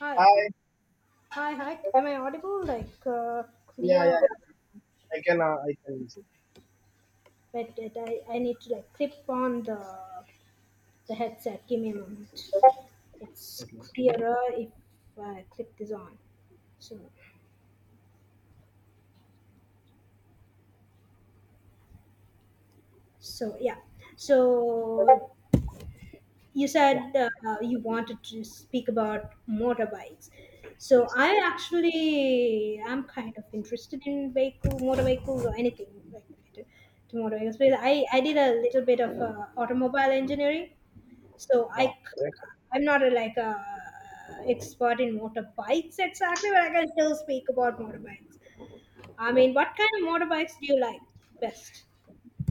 Hi, Hi. hi, hi. Am I audible? Like Yeah, clear? yeah. I can. I can. Wait, wait. I need to like clip on the headset. Give me a moment. It's Okay. Okay. clearer if I clip this on. So, so yeah. So you Yeah. said you wanted to speak about motorbikes. So Yes. I actually am kind of interested in vehicle, motor vehicles or anything like related to motor vehicles. But Yes. I did a little bit of automobile engineering. So I, i Wow. Correct. c- I'm not a, like a expert in motorbikes exactly, but I can still speak about motorbikes. I mean, what kind of motorbikes do you like best?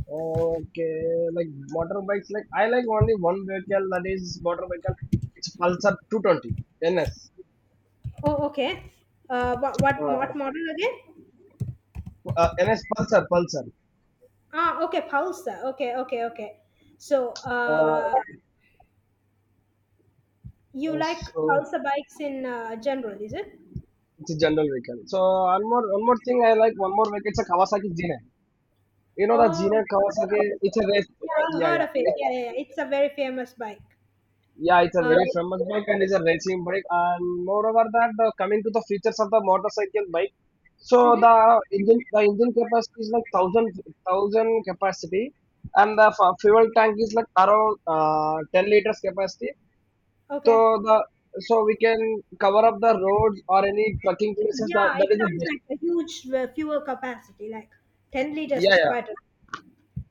Okay. Like motorbikes. Like I like only one vehicle. That is motorcycle. It's Pulsar 220 NS. Oh, okay. What Uh, model again? NS Pulsar. Pulsar. Ah, okay, Pulsar. Okay, okay, okay. So, Uh, you uh, like so Pulsar bikes in general, is it? it's a general vehicle. So one more thing. I like one more vehicle. It's a Kawasaki Zine. You know the Zine Oh, Kawasaki. yeah, It's a race. I've Yeah, heard yeah. of it. It's Yeah, yeah, yeah. It's a very famous bike. Yeah, it's a Uh, very famous bike, and it's a racing bike. And moreover, that the coming to the features of the motorcycle bike, so the mhm. engine the engine capacity is like thousand capacity, and the fuel tank is like around 10 liters capacity. So Okay. the so we can cover up the roads or any trucking places. That Yeah, that it is the sounds best. like a huge fuel capacity, like 10 liters Yeah, is yeah, quite a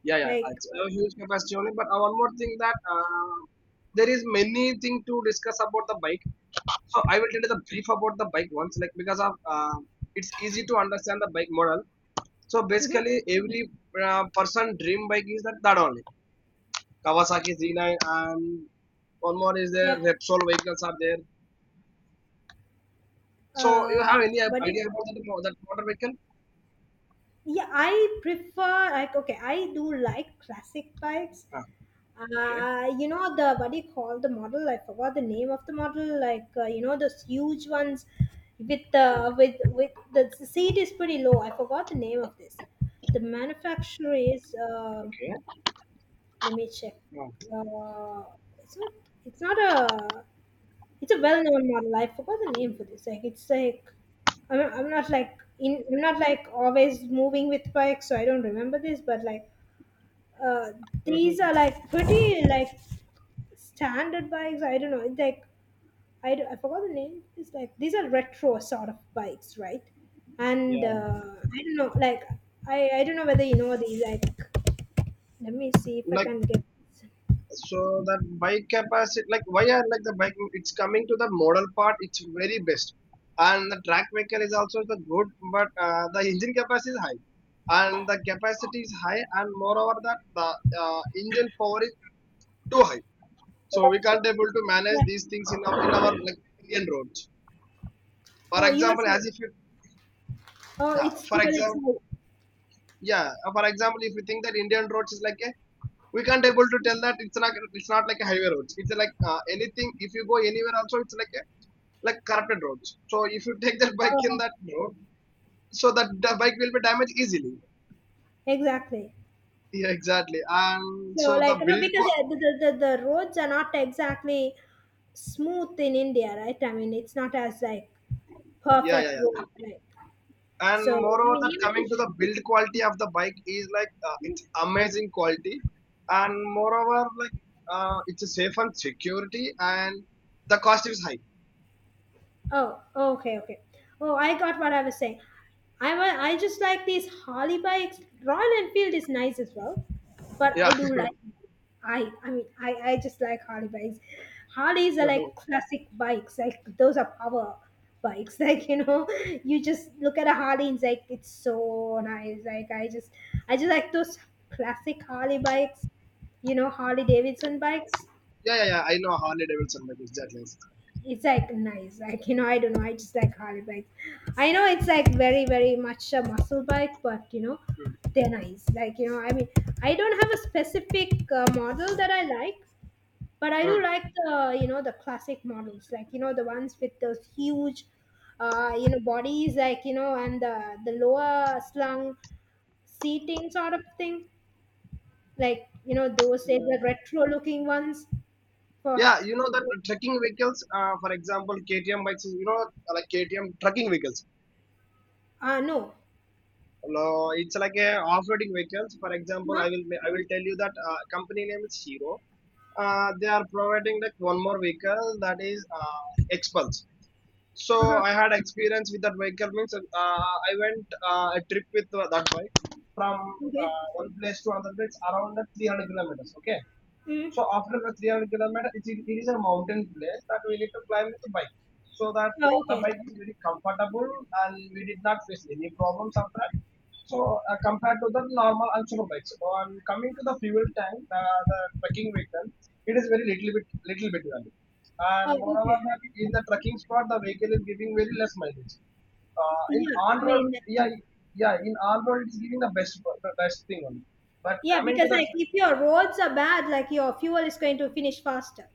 yeah, yeah. like. It's a huge capacity only. But one more thing that there is many thing to discuss about the bike. So I will tell you the brief about the bike once, like because of it's easy to understand the bike model. So Mhm. basically, every person dream bike is that only Kawasaki Z9, and one more is there, Yeah. Repsol vehicles are there. So you Uh, have any idea about but it, that motor vehicle? yeah, I prefer like okay, I do like classic bikes. Ah, okay. You know the what do you call the model? I forgot the name of the model. Like you know those huge ones with the Mm, the seat is pretty low. I forgot the name of this. The manufacturer is okay. let me check. Ah, Uh, it's not. It's not a. It's a well-known model. I forgot the name for this. Like it's like I'm. I'm not like in. I'm not like always moving with bikes, so I don't remember this. But like, uh, these mhm, are like pretty like standard bikes. I don't know. It's like I forgot the name. It's like these are retro sort of bikes, right? And yeah. I don't know. Like I don't know whether you know these. Like let me see if I can get. So that bike capacity, like why I like the bike, it's coming to the model part, it's very best, and the track vehicle is also the good, but the engine capacity is high, and the capacity is high. And moreover, that the engine power is too high, so we can't able to manage Yeah, these things in our, in our, like, indian roads for oh, you were example, saying, as if you... oh, Yeah, it's for because it's example, high. yeah, for example, if you think that indian roads is like a... we can't able to tell that it's not, it's not like a highway roads, it's like, anything if you go anywhere also, it's like a like corrupted roads. So if you take that bike in Oh, that road, so that the bike will be damaged easily. exactly. Yeah, exactly. And So, so the like, no, build, because the roads are not exactly smooth in India, right? I mean, it's not as, like, yeah, perfect yeah, yeah. road, right? And So, moreover, that coming to the build quality of the bike is like, it's amazing quality, and moreover, like it's a safe and security, and the cost is high. oh, oh, okay, okay. Oh, I got what I was saying. I just like these Harley bikes. Royal Enfield is nice as well, but Yeah, I do like. I mean I just like Harley bikes. Harleys are yeah, like classic bikes. Like those are power bikes. Like you know, you just look at a Harley and it's like it's so nice. Like I just like those classic Harley bikes. You know Harley Davidson bikes, yeah, yeah. I know Harley Davidson bike exactly. it's like nice, like you know, I don't know, I just like Harley bikes. I know it's like very very much a muscle bike, but you know Hmm. they're nice, like you know, I mean I don't have a specific model that I like, but I do Hmm. like the you know the classic models, like you know the ones with those huge you know bodies, like you know, and the lower slung seating sort of thing, like you know those say the retro looking ones for Yeah, you know that trekking vehicles, for example, KTM bikes, you know, like KTM trekking vehicles. No. No, it's like a off-roading vehicles. For example, Huh? I will tell you that company name is Hero. They are providing like one more vehicle, that is Xpulse. So Uh-huh. I had experience with that vehicle means I went a trip with that bike from Okay. One place to another place around 300 kilometers. Okay, so Mm. after the 300 kilometer, it is a mountain place that we need to climb with the bike. So that Oh, the okay. bike is very comfortable, and we did not face any problems after that. So compared to the normal and super bikes. On coming to the fuel tank, the trekking vehicle, it is very little bit value. Oh, And moreover, okay. that in the trekking spot, the vehicle is giving very less mileage. In Yeah. on I road, mean, yeah, yeah, in on road, it's giving the best thing only. But yeah, coming to because the... like if your roads are bad, like your fuel is going to finish faster.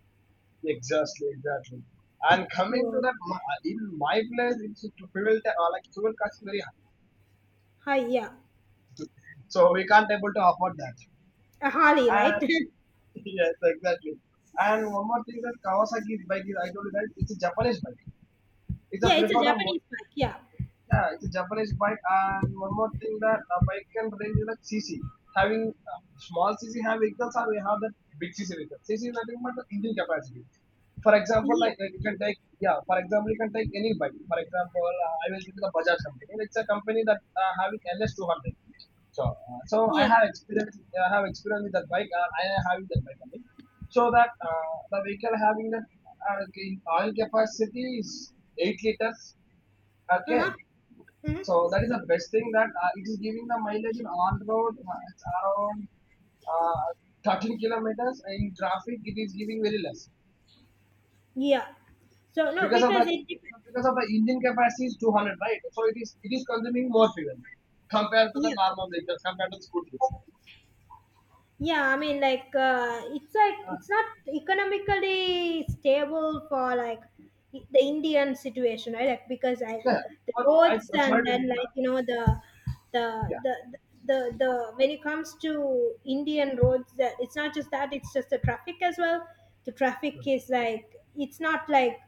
Exactly, exactly. And coming to So, that, in my place, it's to like fuel cost is very high, hi, yeah, so we can't able to afford that. a Harley, And right? yes, exactly. And one more thing that Kawasaki bike is, I told you that it's a Japanese bike. It's a Yeah, it's a preferred of... Japanese bike. Yeah. Yeah, it's a Japanese bike, and one more thing that a bike can range is like CC. Having small CC have vehicles, or we have that big CC vehicle. CC is nothing but the engine capacity. For example, Yeah. like you can take... Yeah. For example, you can take any bike. For example, I will take the Bajaj company. It's a company that having LS 200. So I Yeah. have experience. I have experience with that bike. I am having that bike only. So that the vehicle having that uh, okay, oil capacity is 8 liters. Uh Okay, huh. Hmm. so that is the best thing that it is giving the mileage in on road. It's around 13 kilometers. In traffic, it is giving very less Yeah. So no, because of the, because it. Dep-. because of the engine capacity is 200, right? So it is consuming more fuel compared to the Yeah. normal vehicles, compared to the scooters. Yeah, I mean like it's like Uh, it's not economically stable for like the Indian situation, right? Like because I yeah, the but I roads sorry and to then like interrupt. you know the Yeah, the the, the when it comes to Indian roads that it's not just that, it's just the traffic as well. The traffic is like it's not like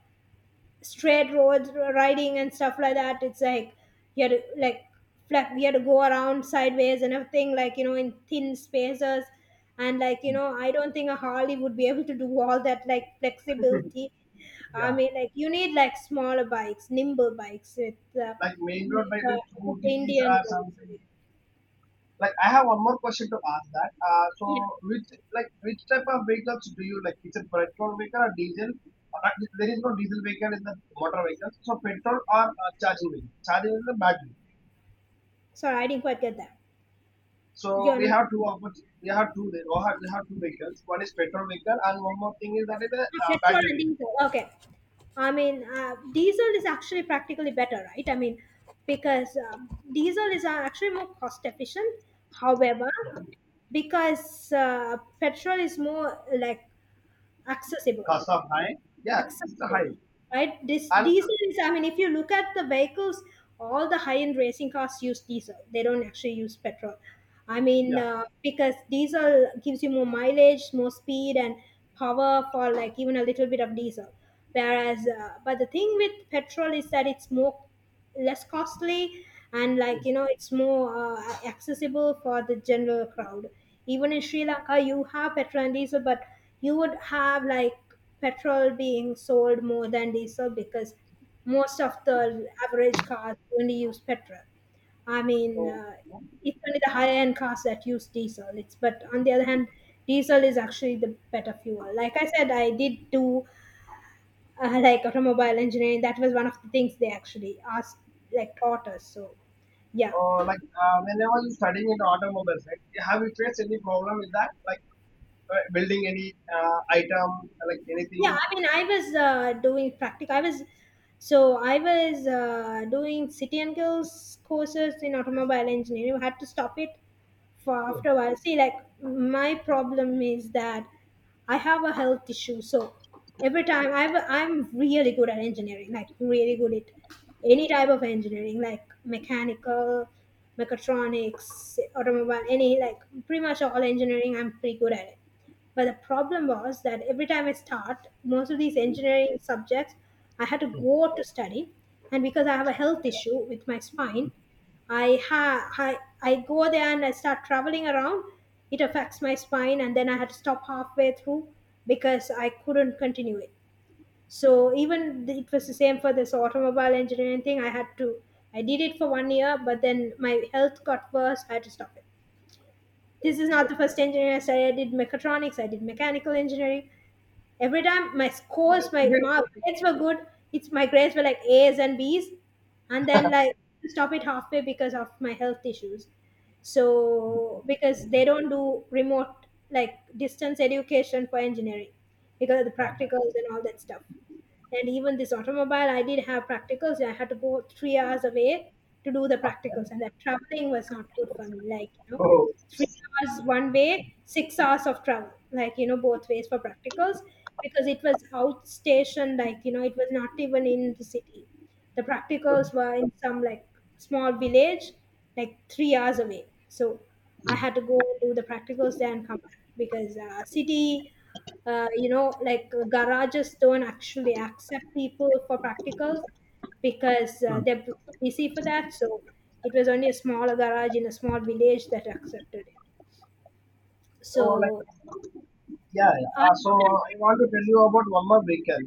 straight roads riding and stuff like that, it's like you had to like flat, we had to go around sideways and everything, like you know, in thin spaces, and like you know I don't think a Harley would be able to do all that like flexibility. I yeah. mean like you need like smaller bikes, nimble bikes with uh, Like main road bike with with the scooters Indian or something. roads. Like I have one more question to ask that. So Yeah, which, like which type of vehicles do you like? Is it petrol vehicle or diesel? Uh, uh, there is no diesel vehicle in the motor vehicle. So petrol or charging vehicle. Charging vehicle is battery. sorry I didn't quite get that. So You're we not. have two options. We have two. There. We have two vehicles. One is petrol vehicle, and one more thing is that is a Ah, petrol and battery vehicle. diesel. Okay. I mean, diesel is actually practically better, right? I mean, because diesel is actually more cost efficient. However, Yeah. because petrol is more like accessible Cost of high. Yeah, it's a acceptable, high. right? This And diesel is, I mean, if you look at the vehicles, all the high-end racing cars use diesel. They don't actually use petrol. I mean, yeah. Because diesel gives you more mileage, more speed, and power for like even a little bit of diesel. Whereas, but the thing with petrol is that it's more less costly, and like you know it's more accessible for the general crowd. Even in Sri Lanka you have petrol and diesel, but you would have like petrol being sold more than diesel because most of the average cars only use petrol. I mean, So it's only the higher end cars that use diesel. It's but on the other hand, diesel is actually the better fuel. Like I said, I did do like automobile engineering, that was one of the things they actually asked like taught us. So yeah, like whenever you studying in automobile, right, have you faced any problem with that? Like building any item, like anything. yeah, I mean I was doing practical. I was so I was doing city and girls courses in automobile engineering. I had to stop it for Oh. after a while. See like my problem is that I have a health issue. So every time I I'm really good at engineering, like really good at any type of engineering, like mechanical, mechatronics, automobile, any like pretty much all engineering I'm pretty good at it. But the problem was that every time I start, most of these engineering subjects, I had to go out to study, and because I have a health issue with my spine, I go there and I start traveling around. It affects my spine, and then I had to stop halfway through because I couldn't continue it. So it was the same for this automobile engineering thing. I had to I did it for 1 year, but then my health got worse. I had to stop it. This is not the first engineering I studied. I did mechatronics. I did mechanical engineering. Every time my scores, You did my pick it grades were good. It's my grades were like A's and B's, and then like stop it halfway because of my health issues. So because they don't do remote like distance education for engineering, because of the practicals and all that stuff. And even this automobile, I did have practicals. I had to go 3 hours away to do the up, yeah? practicals, and that traveling was not good for me. Like you know, Oh, 3 hours one way, 6 hours of travel, like you know, both ways for practicals because it was outstation. Like you know, it was not even in the city. The good. practicals were in some like small village, like 3 hours away. So I had to go do the practicals there and come back because city you know, like garages don't actually accept people for practicals because Hmm. they're busy for that. So it was only a small garage in a small village that accepted it. So like So yeah, I yeah. So don't know. I want to tell you about one more vehicle.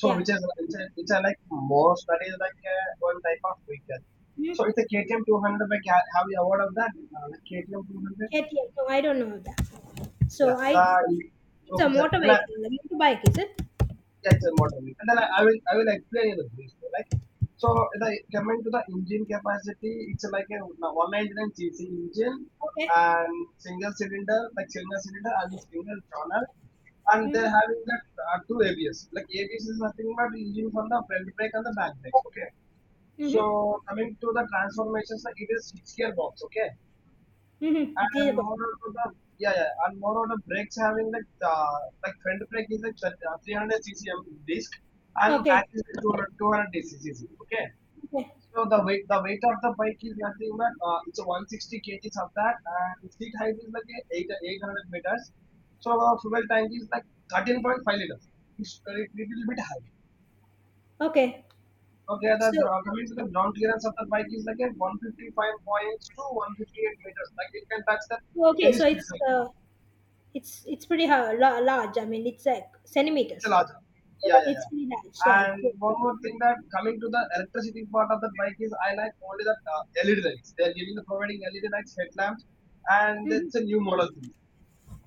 So Yeah. which is it's a like most that is like one type of vehicle. Hmm? So it's a KTM 200. Like have you heard of that? Like KTM 200. No, I don't know that. Yeah. So I, The it's okay sir. Then a motorbike, is it? yeah, it's a motor wheel. And then I will I will explain you the brief way, like so, the coming to the engine capacity, it's like a 199 cc engine Okay. and single cylinder, like single cylinder and single channel, and they're Mm-hmm. having that two ABS. Like ABS is nothing but engine from the front brake and the back brakes. Okay. So Mm-hmm. coming to the transformations, like it is six gear box. Okay. Mm-hmm. And moreover, the yeah, yeah, and moreover, the brakes having like front brake is like 300 ccm disc, and back Okay. is like 200 200 ccc. Okay, Okay. so the weight of the bike is nothing but it's a 160 kgs of that, and seat height is like a eight 800 meters. So our fuel tank is like 13.5 liters. It's a little bit high. Okay. Okay, So coming to the ground clearance of the bike is like a 155 158 meters. Like it can touch the okay. any So speed. it's it's pretty large. I mean, it's like centimeters. It's a larger. Yeah, yeah, It's yeah. pretty large. Like And one more thing that coming to the electricity part of the bike is I like only the LED lights. They are giving the providing LED lights, headlamps, and mhm. it's a new model thing.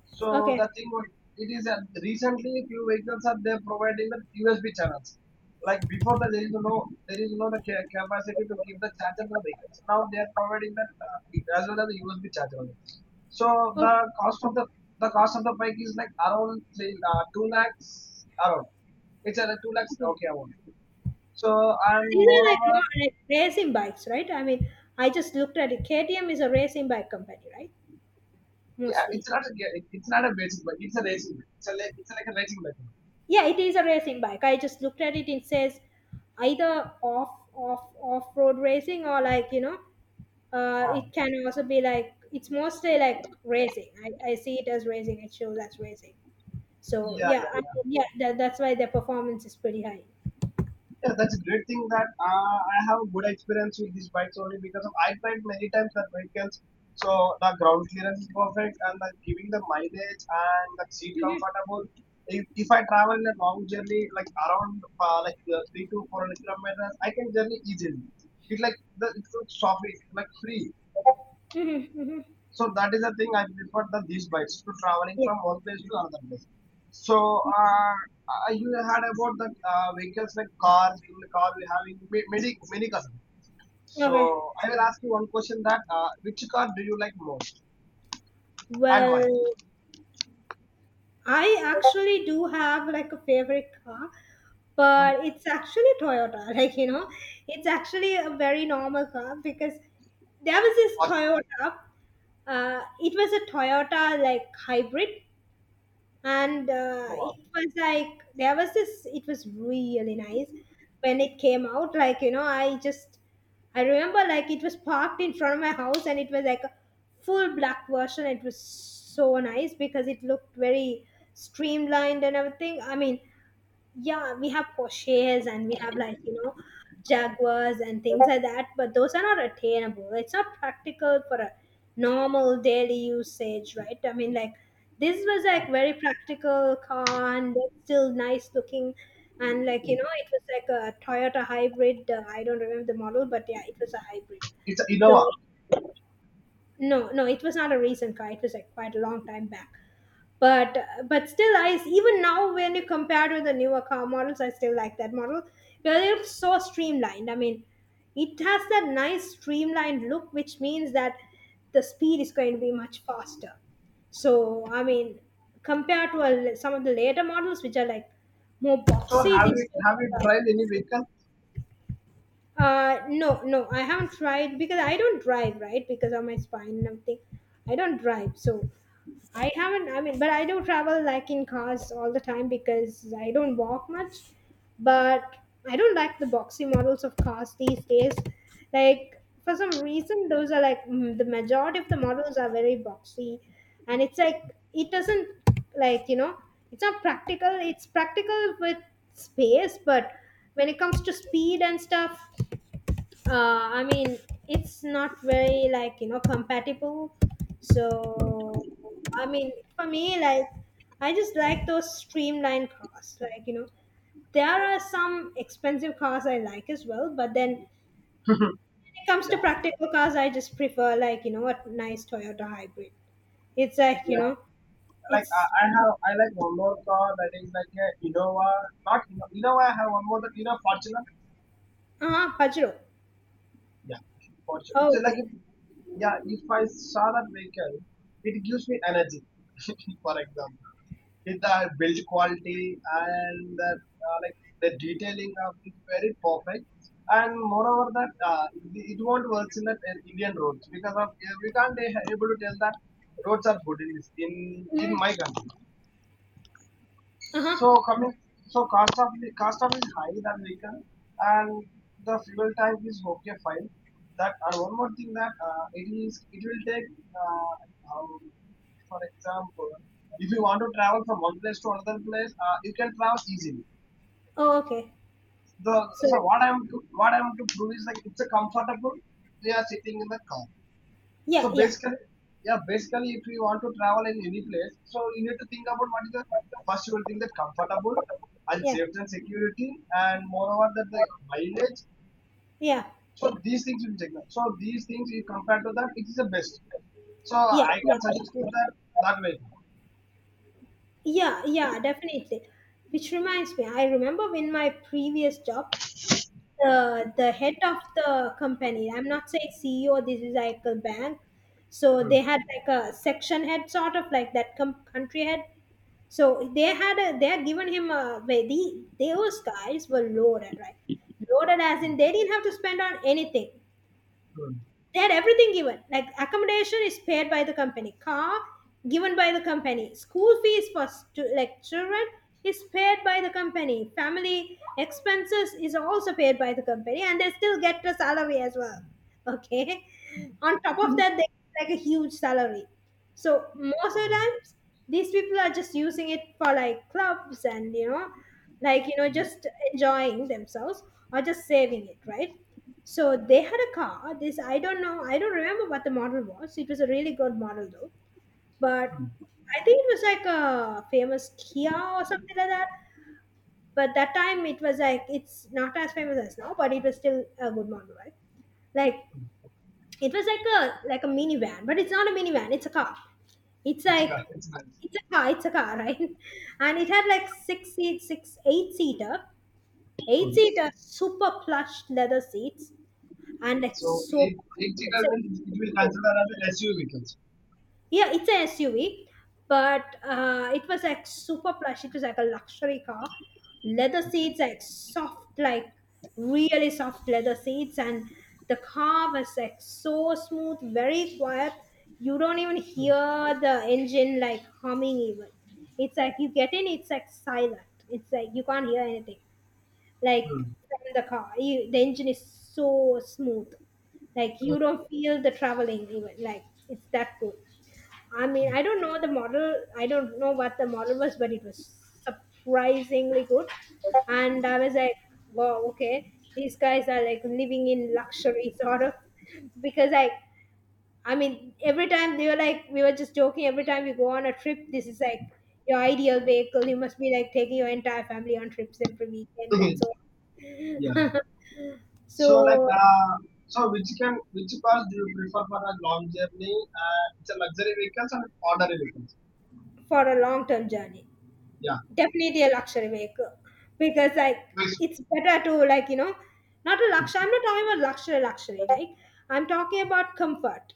So the Okay, thing would it is that recently few vehicles are they providing the USB channels. Like before that there is no, there is no the capacity to give the charger to the vehicles. Now they are providing that as well as the USB charger only. So oh, the cost of the cost of the bike is like around say, two lakhs around. It's around two lakhs, okay. okay, I want. So and These are like moreover more like racing bikes, right? I mean, I just looked at it. KTM is a racing bike company, right? yeah, Mostly. It's not a basic bike, it's a racing bike. It's a, it's like a racing bike. Yeah, it is a racing bike. I just looked at it. It says either off road racing or like you know, Ah. it can also be like it's mostly like racing. I see it as racing. It shows as racing. So Yeah, yeah, yeah, yeah. yeah, that's why their performance is pretty high. Yeah, that's a great thing that I have a good experience with these bikes only because of I tried many times that vehicles. So the ground clearance is perfect, and the giving the mileage and the seat Mhm, comfortable. If I travel in a long journey like around three to four hundred kilometers, I can journey easily. It's like the it's so soft, it's like free. mhm, mhm. So that is the thing I prefer the these bikes to traveling Yeah. from one place to another place. So uh, you had about the vehicles like cars. In the car we having many many cars. Okay. So I will ask you one question that which car do you like most and why? Well, I actually do have like a favorite car, Hmm. but it's actually Toyota. Like, you know, it's actually a very normal car because there was this Or Toyota. It was a Toyota like hybrid, and Innova. it was like there was this it was really nice when it came out. I just I remember like it was parked in front of my house, and it was like a full black version. It was so nice because it looked very streamlined and everything. I mean, yeah, we have Porsches and we have like you know Jaguars and things like that, but those are not attainable. It's not practical for a normal daily usage, right? I mean, like this was like very practical car, and it's still nice looking. And like you know it was like a Toyota hybrid. I don't remember the model, but yeah, it was a hybrid. It's a So Innova. no, no, it was not a recent car. It was like quite a long time back. but but still, I, even now when you compare to the newer car models, I still like that model because it's so streamlined. I mean, it has that nice streamlined look, which means that the speed is going to be much faster. So I mean, compared to a, some of the later models which are like more So boxy, this feels have you like drive any vehicle? No, no, I haven't tried because I don't drive, right? Because of my spine and everything. I don't drive, so I haven't. I mean, but I do travel like in cars all the time because I don't walk much. But I don't like the boxy models of cars these days. Like for some reason, those are like the majority of the models are very boxy, and it's like it doesn't like you know it's not practical. It's practical with space, but when it comes to speed and stuff, I mean, it's not very like you know compatible. Hmm. So I mean, for me, like I just like those streamlined cars. Like you know, there are some expensive cars I like as well, but then when it comes to Yeah, practical cars, I just prefer like you know a nice Toyota hybrid. It's like you yeah. know, Like it's I have, I like one more car that is like a Innova. Not Inno- Innova. I have one more that you know Fortuner. uh huh Pajero. Yeah, for sure. Oh, It's like okay. if, yeah, if I saw that vehicle, it gives me energy. For example, with the build quality and the, like the detailing of it very perfect. And moreover, that it it won't work in that Indian roads because of we can't be able to tell that roads are good in this in Mm, my country. uh huh. So coming, so cost of is high than vehicle, and the fuel type is okay fine. That, and one more thing that it is it will take uh, how, for example, if you want to travel from one place to another place, you can travel easily. Oh, okay. The So what I'm to prove is like it's a comfortable. We are sitting in the car. yeah, So yeah, basically, yeah, basically, if you want to travel in any place, so you need to think about what is the first you will think, that comfortable and yeah, safety and security, and moreover that the mileage. yeah, So these things you will check out. So these things you compare to that, it is the best. So yeah, I yeah. can suggest you that that way. Yeah, yeah, definitely. Which reminds me, I remember when my previous job, the head of the company, I'm not saying CEO, this is like a bank. So Hmm. they had like a section head, sort of like that com- country head. So they had a, they had given him a where the those guys were loaded, right? Loaded as in they didn't have to spend on anything. Hmm. They had everything given, like accommodation is paid by the company, car given by the company, school fees for stu- like children is paid by the company, family expenses is also paid by the company, and they still get a salary as well. Okay, on top of that they get like a huge salary. So most of the times these people are just using it for like clubs and you know like you know just enjoying themselves or just saving it, right? So they had a car. This I don't know. I don't remember what the model was. It was a really good model though. But I think it was like a famous Kia or something like that. But that time it was like it's not as famous as now, but it was still a good model, right? Like it was like a minivan, but it's not a minivan. It's a car. It's It's a car. like It's nice. it's a car. It's a car, right? And it had like six seats, six, eight seater, eight Hmm. seater, super plush leather seats. And it's So so it it's a it will consider as a SUV vehicles. yeah, it's an SUV, but it was like super plush. It was like a luxury car. Leather seats, Okay. like soft, like really soft leather seats. And the car was like so smooth, very quiet. You don't even Hmm. hear the engine like humming even. It's like you get in, it's like silent. It's like you can't hear anything like from the car. You, the engine is so smooth, like you don't feel the traveling even. Like it's that good. I mean, I don't know the model. I don't know what the model was, but it was surprisingly good. And I was like, wow, okay, these guys are like living in luxury, sort of, because like. I mean, every time they were like, we were just joking, every time you go on a trip, this is like your ideal vehicle. You must be like taking your entire family on trips every weekend Hmm. and so on. yeah. So like So so which, can which cars do you prefer for a long journey? It's a luxury vehicles and ordinary vehicles. for a long term journey, Yeah, definitely a luxury vehicle, because like very so. it's better to like you know not a luxury. I'm not talking about luxury luxury. Like I'm talking about comfort.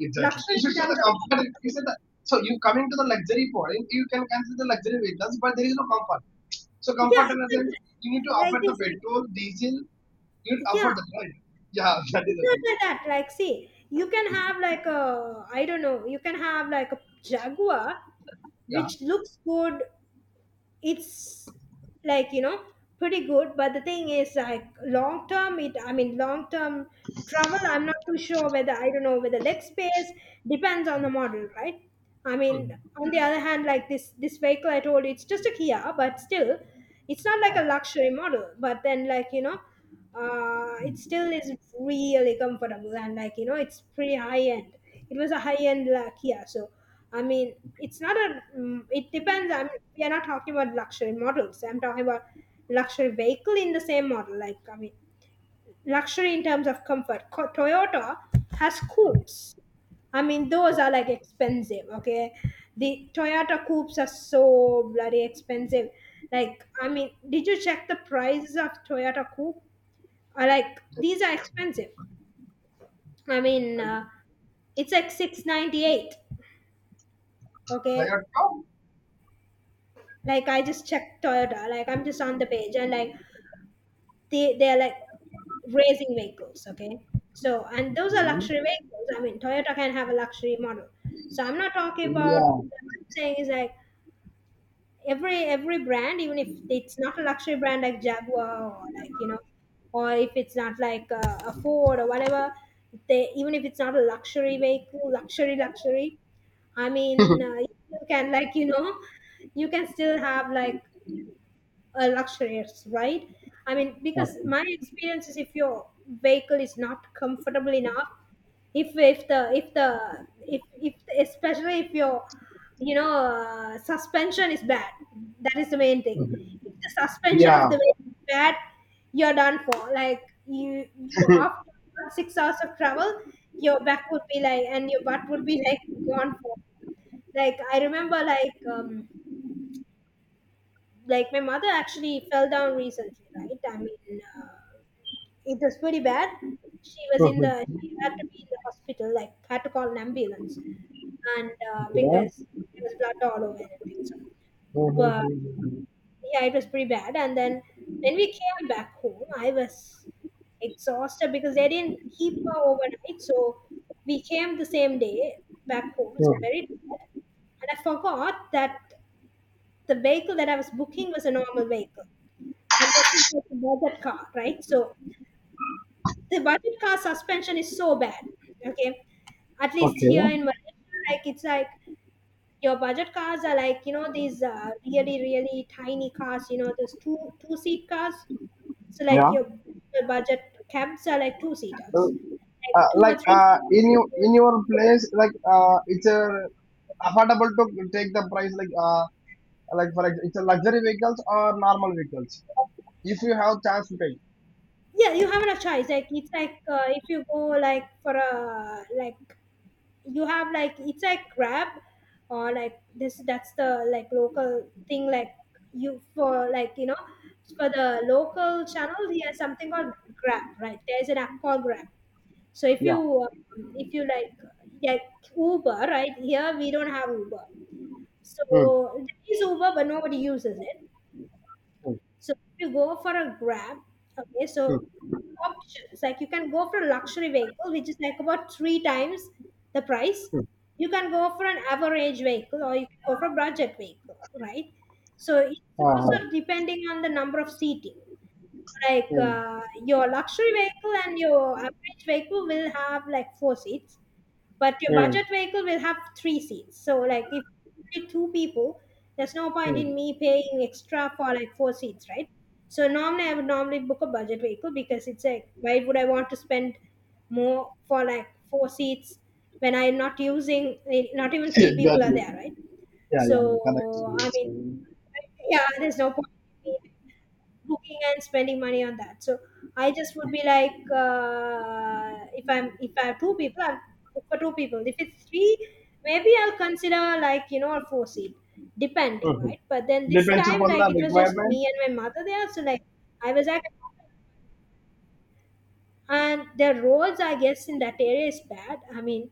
Exactly. You Luxury should in say terms the of comfort. You comfort. said the, so you coming to the luxury point, you can consider luxury vehicles, but there is no comfort. So Yeah, comfort in a it's sense, you need to like afford the this. Like, petrol, diesel. You need to yeah. afford that, right? Yeah, Like, that is it's the not thing. like that. Like, see, you can have like a, I don't know, you can have like a Jaguar Yeah. which looks good, it's like you know pretty good, but the thing is like long term, it, I mean, long term travel, I'm not too sure whether, I don't know whether leg space depends on the model, right? I mean, on the other hand, like this vehicle I told you, it's just a Kia, but still it's not like a luxury model, but then like you know it still is really comfortable, and like you know it's pretty high end. It was a high end, like yeah. So I mean it's not a it depends. I'm We are not talking about luxury models. I'm talking about luxury vehicle in the same model, like I mean luxury in terms of comfort. Co- Toyota has coupes. I mean, those are like expensive, okay? The Toyota coupes are so bloody expensive. Like, I mean, did you check the prices of Toyota coupe? I, like, these are expensive. I mean, And it's like 698. Okay, Toyota. like I just checked Toyota. Like I'm just on the page, and like they are like racing vehicles. Okay, so and those are luxury vehicles. I mean, Toyota can have a luxury model. So I'm not talking about. Yeah. What I'm saying is like every brand, even if it's not a luxury brand like Jaguar or like you know, or if it's not like a Ford or whatever, they, even if it's not a luxury vehicle, luxury luxury, I mean, you can like you know, you can still have like a luxurious, right? I mean, because Okay. my experience is if your vehicle is not comfortable enough, if especially if your you know suspension is bad, that is the main thing. Okay. If the suspension Yeah. of the vehicle is bad, you're done for. Like you after 6 hours of travel, your back would be like, and your butt would be like gone for. Like I remember like my mother actually fell down recently, right? I mean, it was pretty bad. She was in the, Mhm. she had to be in the hospital, like had to call an ambulance. And Okay. because there was blood all over and everything. So but Mhm. yeah, it was pretty bad. And then when we came back home, I was exhausted because they didn't keep her overnight, so we came the same day back home, so very Hmm. tired. And I forgot that the vehicle that I was booking was a normal vehicle, and this was like a budget car, right? So the budget car suspension is so bad. Okay, at least Okay. here in Malaysia, like it's like your budget cars are like you know these really really tiny cars. You know those two seat cars. So like Yeah. your budget cabs are like two seaters, So, like two like or three. In you in your place, like it's a affordable to take the price. Like it's a luxury vehicles or normal vehicles. If you have chance to take. Yeah, you haven't a choice. Like it's like if you go like for a like you have like it's like Grab or like this, that's the like local thing. Like you for like you know for the local channel he has something called Grab, right? There's an app called Grab. So Yeah. If you like Uber, right? Here we don't have Uber. So there is Uber, but nobody uses it. Hmm. So if you go for a Grab, okay, so options like you can go for a luxury vehicle, which is like about three times the price. You can go for an average vehicle, or you can go for a budget vehicle, right? So it's Uh-huh. also depending on the number of seating. Like Hmm. Your luxury vehicle and your average vehicle will have like 4 seats, but your Hmm. budget vehicle will have 3 seats. So like if only two people, there's no point Hmm. in me paying extra for like 4 seats, right? So normally I would normally book a budget vehicle, because it's like why would I want to spend more for like 4 seats when I'm not using, not even three people are Exactly. there, right? Yeah. Yeah. Yeah. Correct. So I So, mean yeah, there's no point booking and spending money on that. So I just would be like, if I'm if I have two people, I'm book for two people. If it's three, maybe I'll consider like you know a four-seat, depending, mhm. right? But then this Depends time, upon like the it was just requirement. me and my mother there, so like I was like, and the roads I guess in that area is bad. I mean,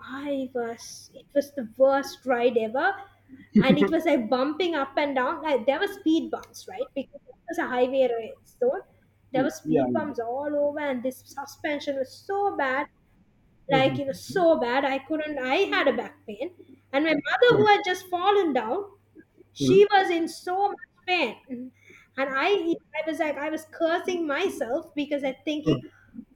I was it was the worst ride ever, and it was like bumping up and down. Like there were speed bumps, right? Because it was a highway race, so there Hmm. were Yeah. speed Yeah. bumps all over, and this suspension was so bad, like you know, Mhm. so bad. I couldn't. I had a back pain, and my mother, Hmm. who had just fallen down, Hmm. she was in so much pain, and I was like, I was cursing myself because I Hmm. thinking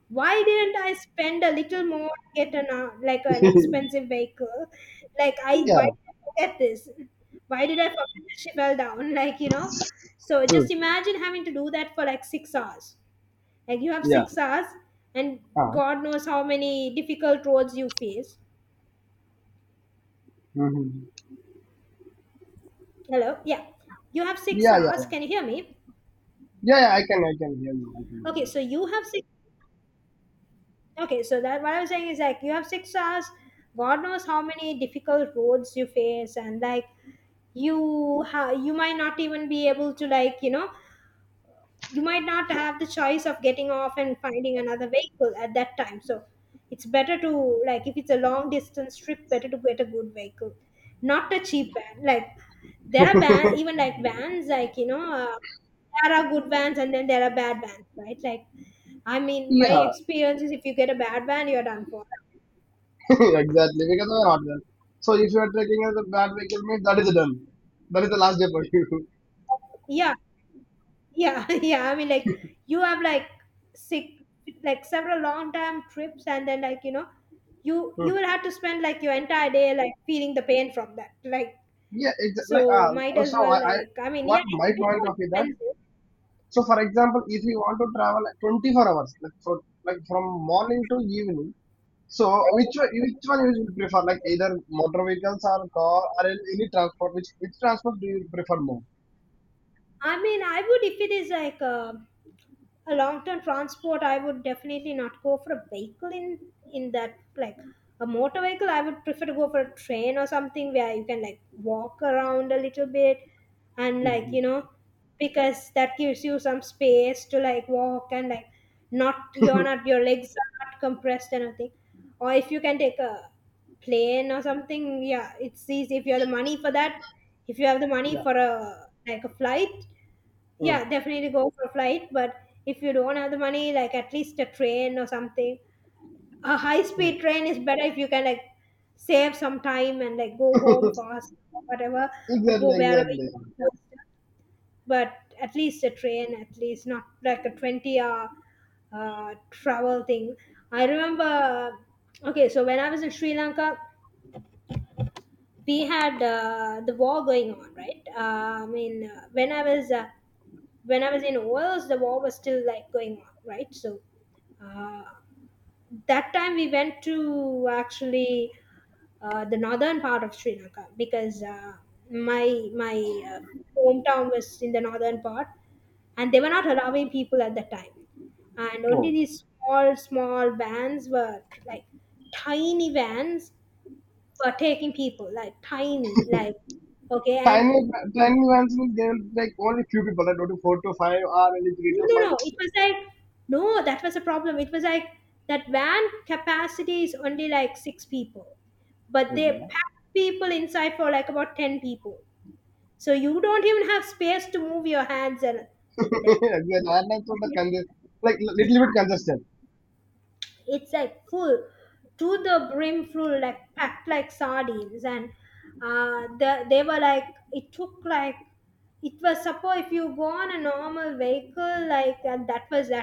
why didn't I spend a little more to get an like an expensive vehicle? Like I why Yeah. did I forget this? Why did I forget that she fell down? Like you know, so Hmm. just imagine having to do that for like 6 hours. Like you have Yeah. 6 hours, and Ah. God knows how many difficult roads you face. Uh-huh. Hello, yeah, you have six Yeah. hours. Can Yeah. you hear me? Yeah, yeah, I can hear you. I can hear Okay, you. so you have six. Okay, so that what I'm saying is like you have 6 hours. God knows how many difficult roads you face, and like you might not even be able to, like you know, you might not have the choice of getting off and finding another vehicle at that time, so it's better to like, if it's a long distance trip, better to get a good vehicle, not a cheap van. Like there are van, even like vans, like you know, there are good vans and then there are bad vans, right? Like I mean, my Yeah, experience is if you get a bad van, you're done for. exactly. Because of the hardware. So if you are taking as a bad vehicle, means that is done. That is the last day for you. Yeah. Yeah, yeah. I mean, like you have like sick, like several long time trips, and then like you know, you Hmm. you will have to spend like your entire day like feeling the pain from that. Like Yeah, it's like so, might as so well, I like I mean, what yeah, it's my a bit point more of view that. expensive. So for example, if you want to travel at 24 hours, like for like from morning to evening, so which one you will prefer? Like either motor vehicles or car or any transport. Which transport do you prefer more? I mean, I would if it is like a long-term transport. I would definitely not go for a vehicle in that, like a motor vehicle. I would prefer to go for a train or something where you can like walk around a little bit, and like Hmm. you know, because that gives you some space to like walk, and like not your legs are not compressed and everything. Or if you can take a plane or something, yeah, it's easy if you have the money for that. If you have the money Yeah. for a flight, Hmm. yeah, definitely go for a flight. But if you don't have the money, like at least a train or something. A high Hmm. speed train is better if you can like save some time and like go home fast or whatever, or go Exactly. wherever you Exactly. want. But at least a train, at least not like a 20 hour travel thing. I remember, okay, so when I was in Sri Lanka, we had the war going on, right? I mean, when I was in OLS, the war was still like going on, right? So uh, that time we went to actually, the northern part of Sri Lanka, because my hometown was in the northern part, and they were not allowing people at that time, and only Oh, these small small vans were like tiny vans, were taking people like tiny, like okay, and tiny tiny vans means there are like only few people that go to four to five or only three to no, five. no, no. It was like, no, that was a problem. It was like that van capacity is only like six people, but they Okay. packed people inside for like about 10 people. So you don't even have space to move your hands and like, Exactly. Airlines were the like yeah, little bit congested. it's like full to the brim, full, like packed like sardines. And they were like, it took like, it was suppose if you go on a normal vehicle like, and that was that.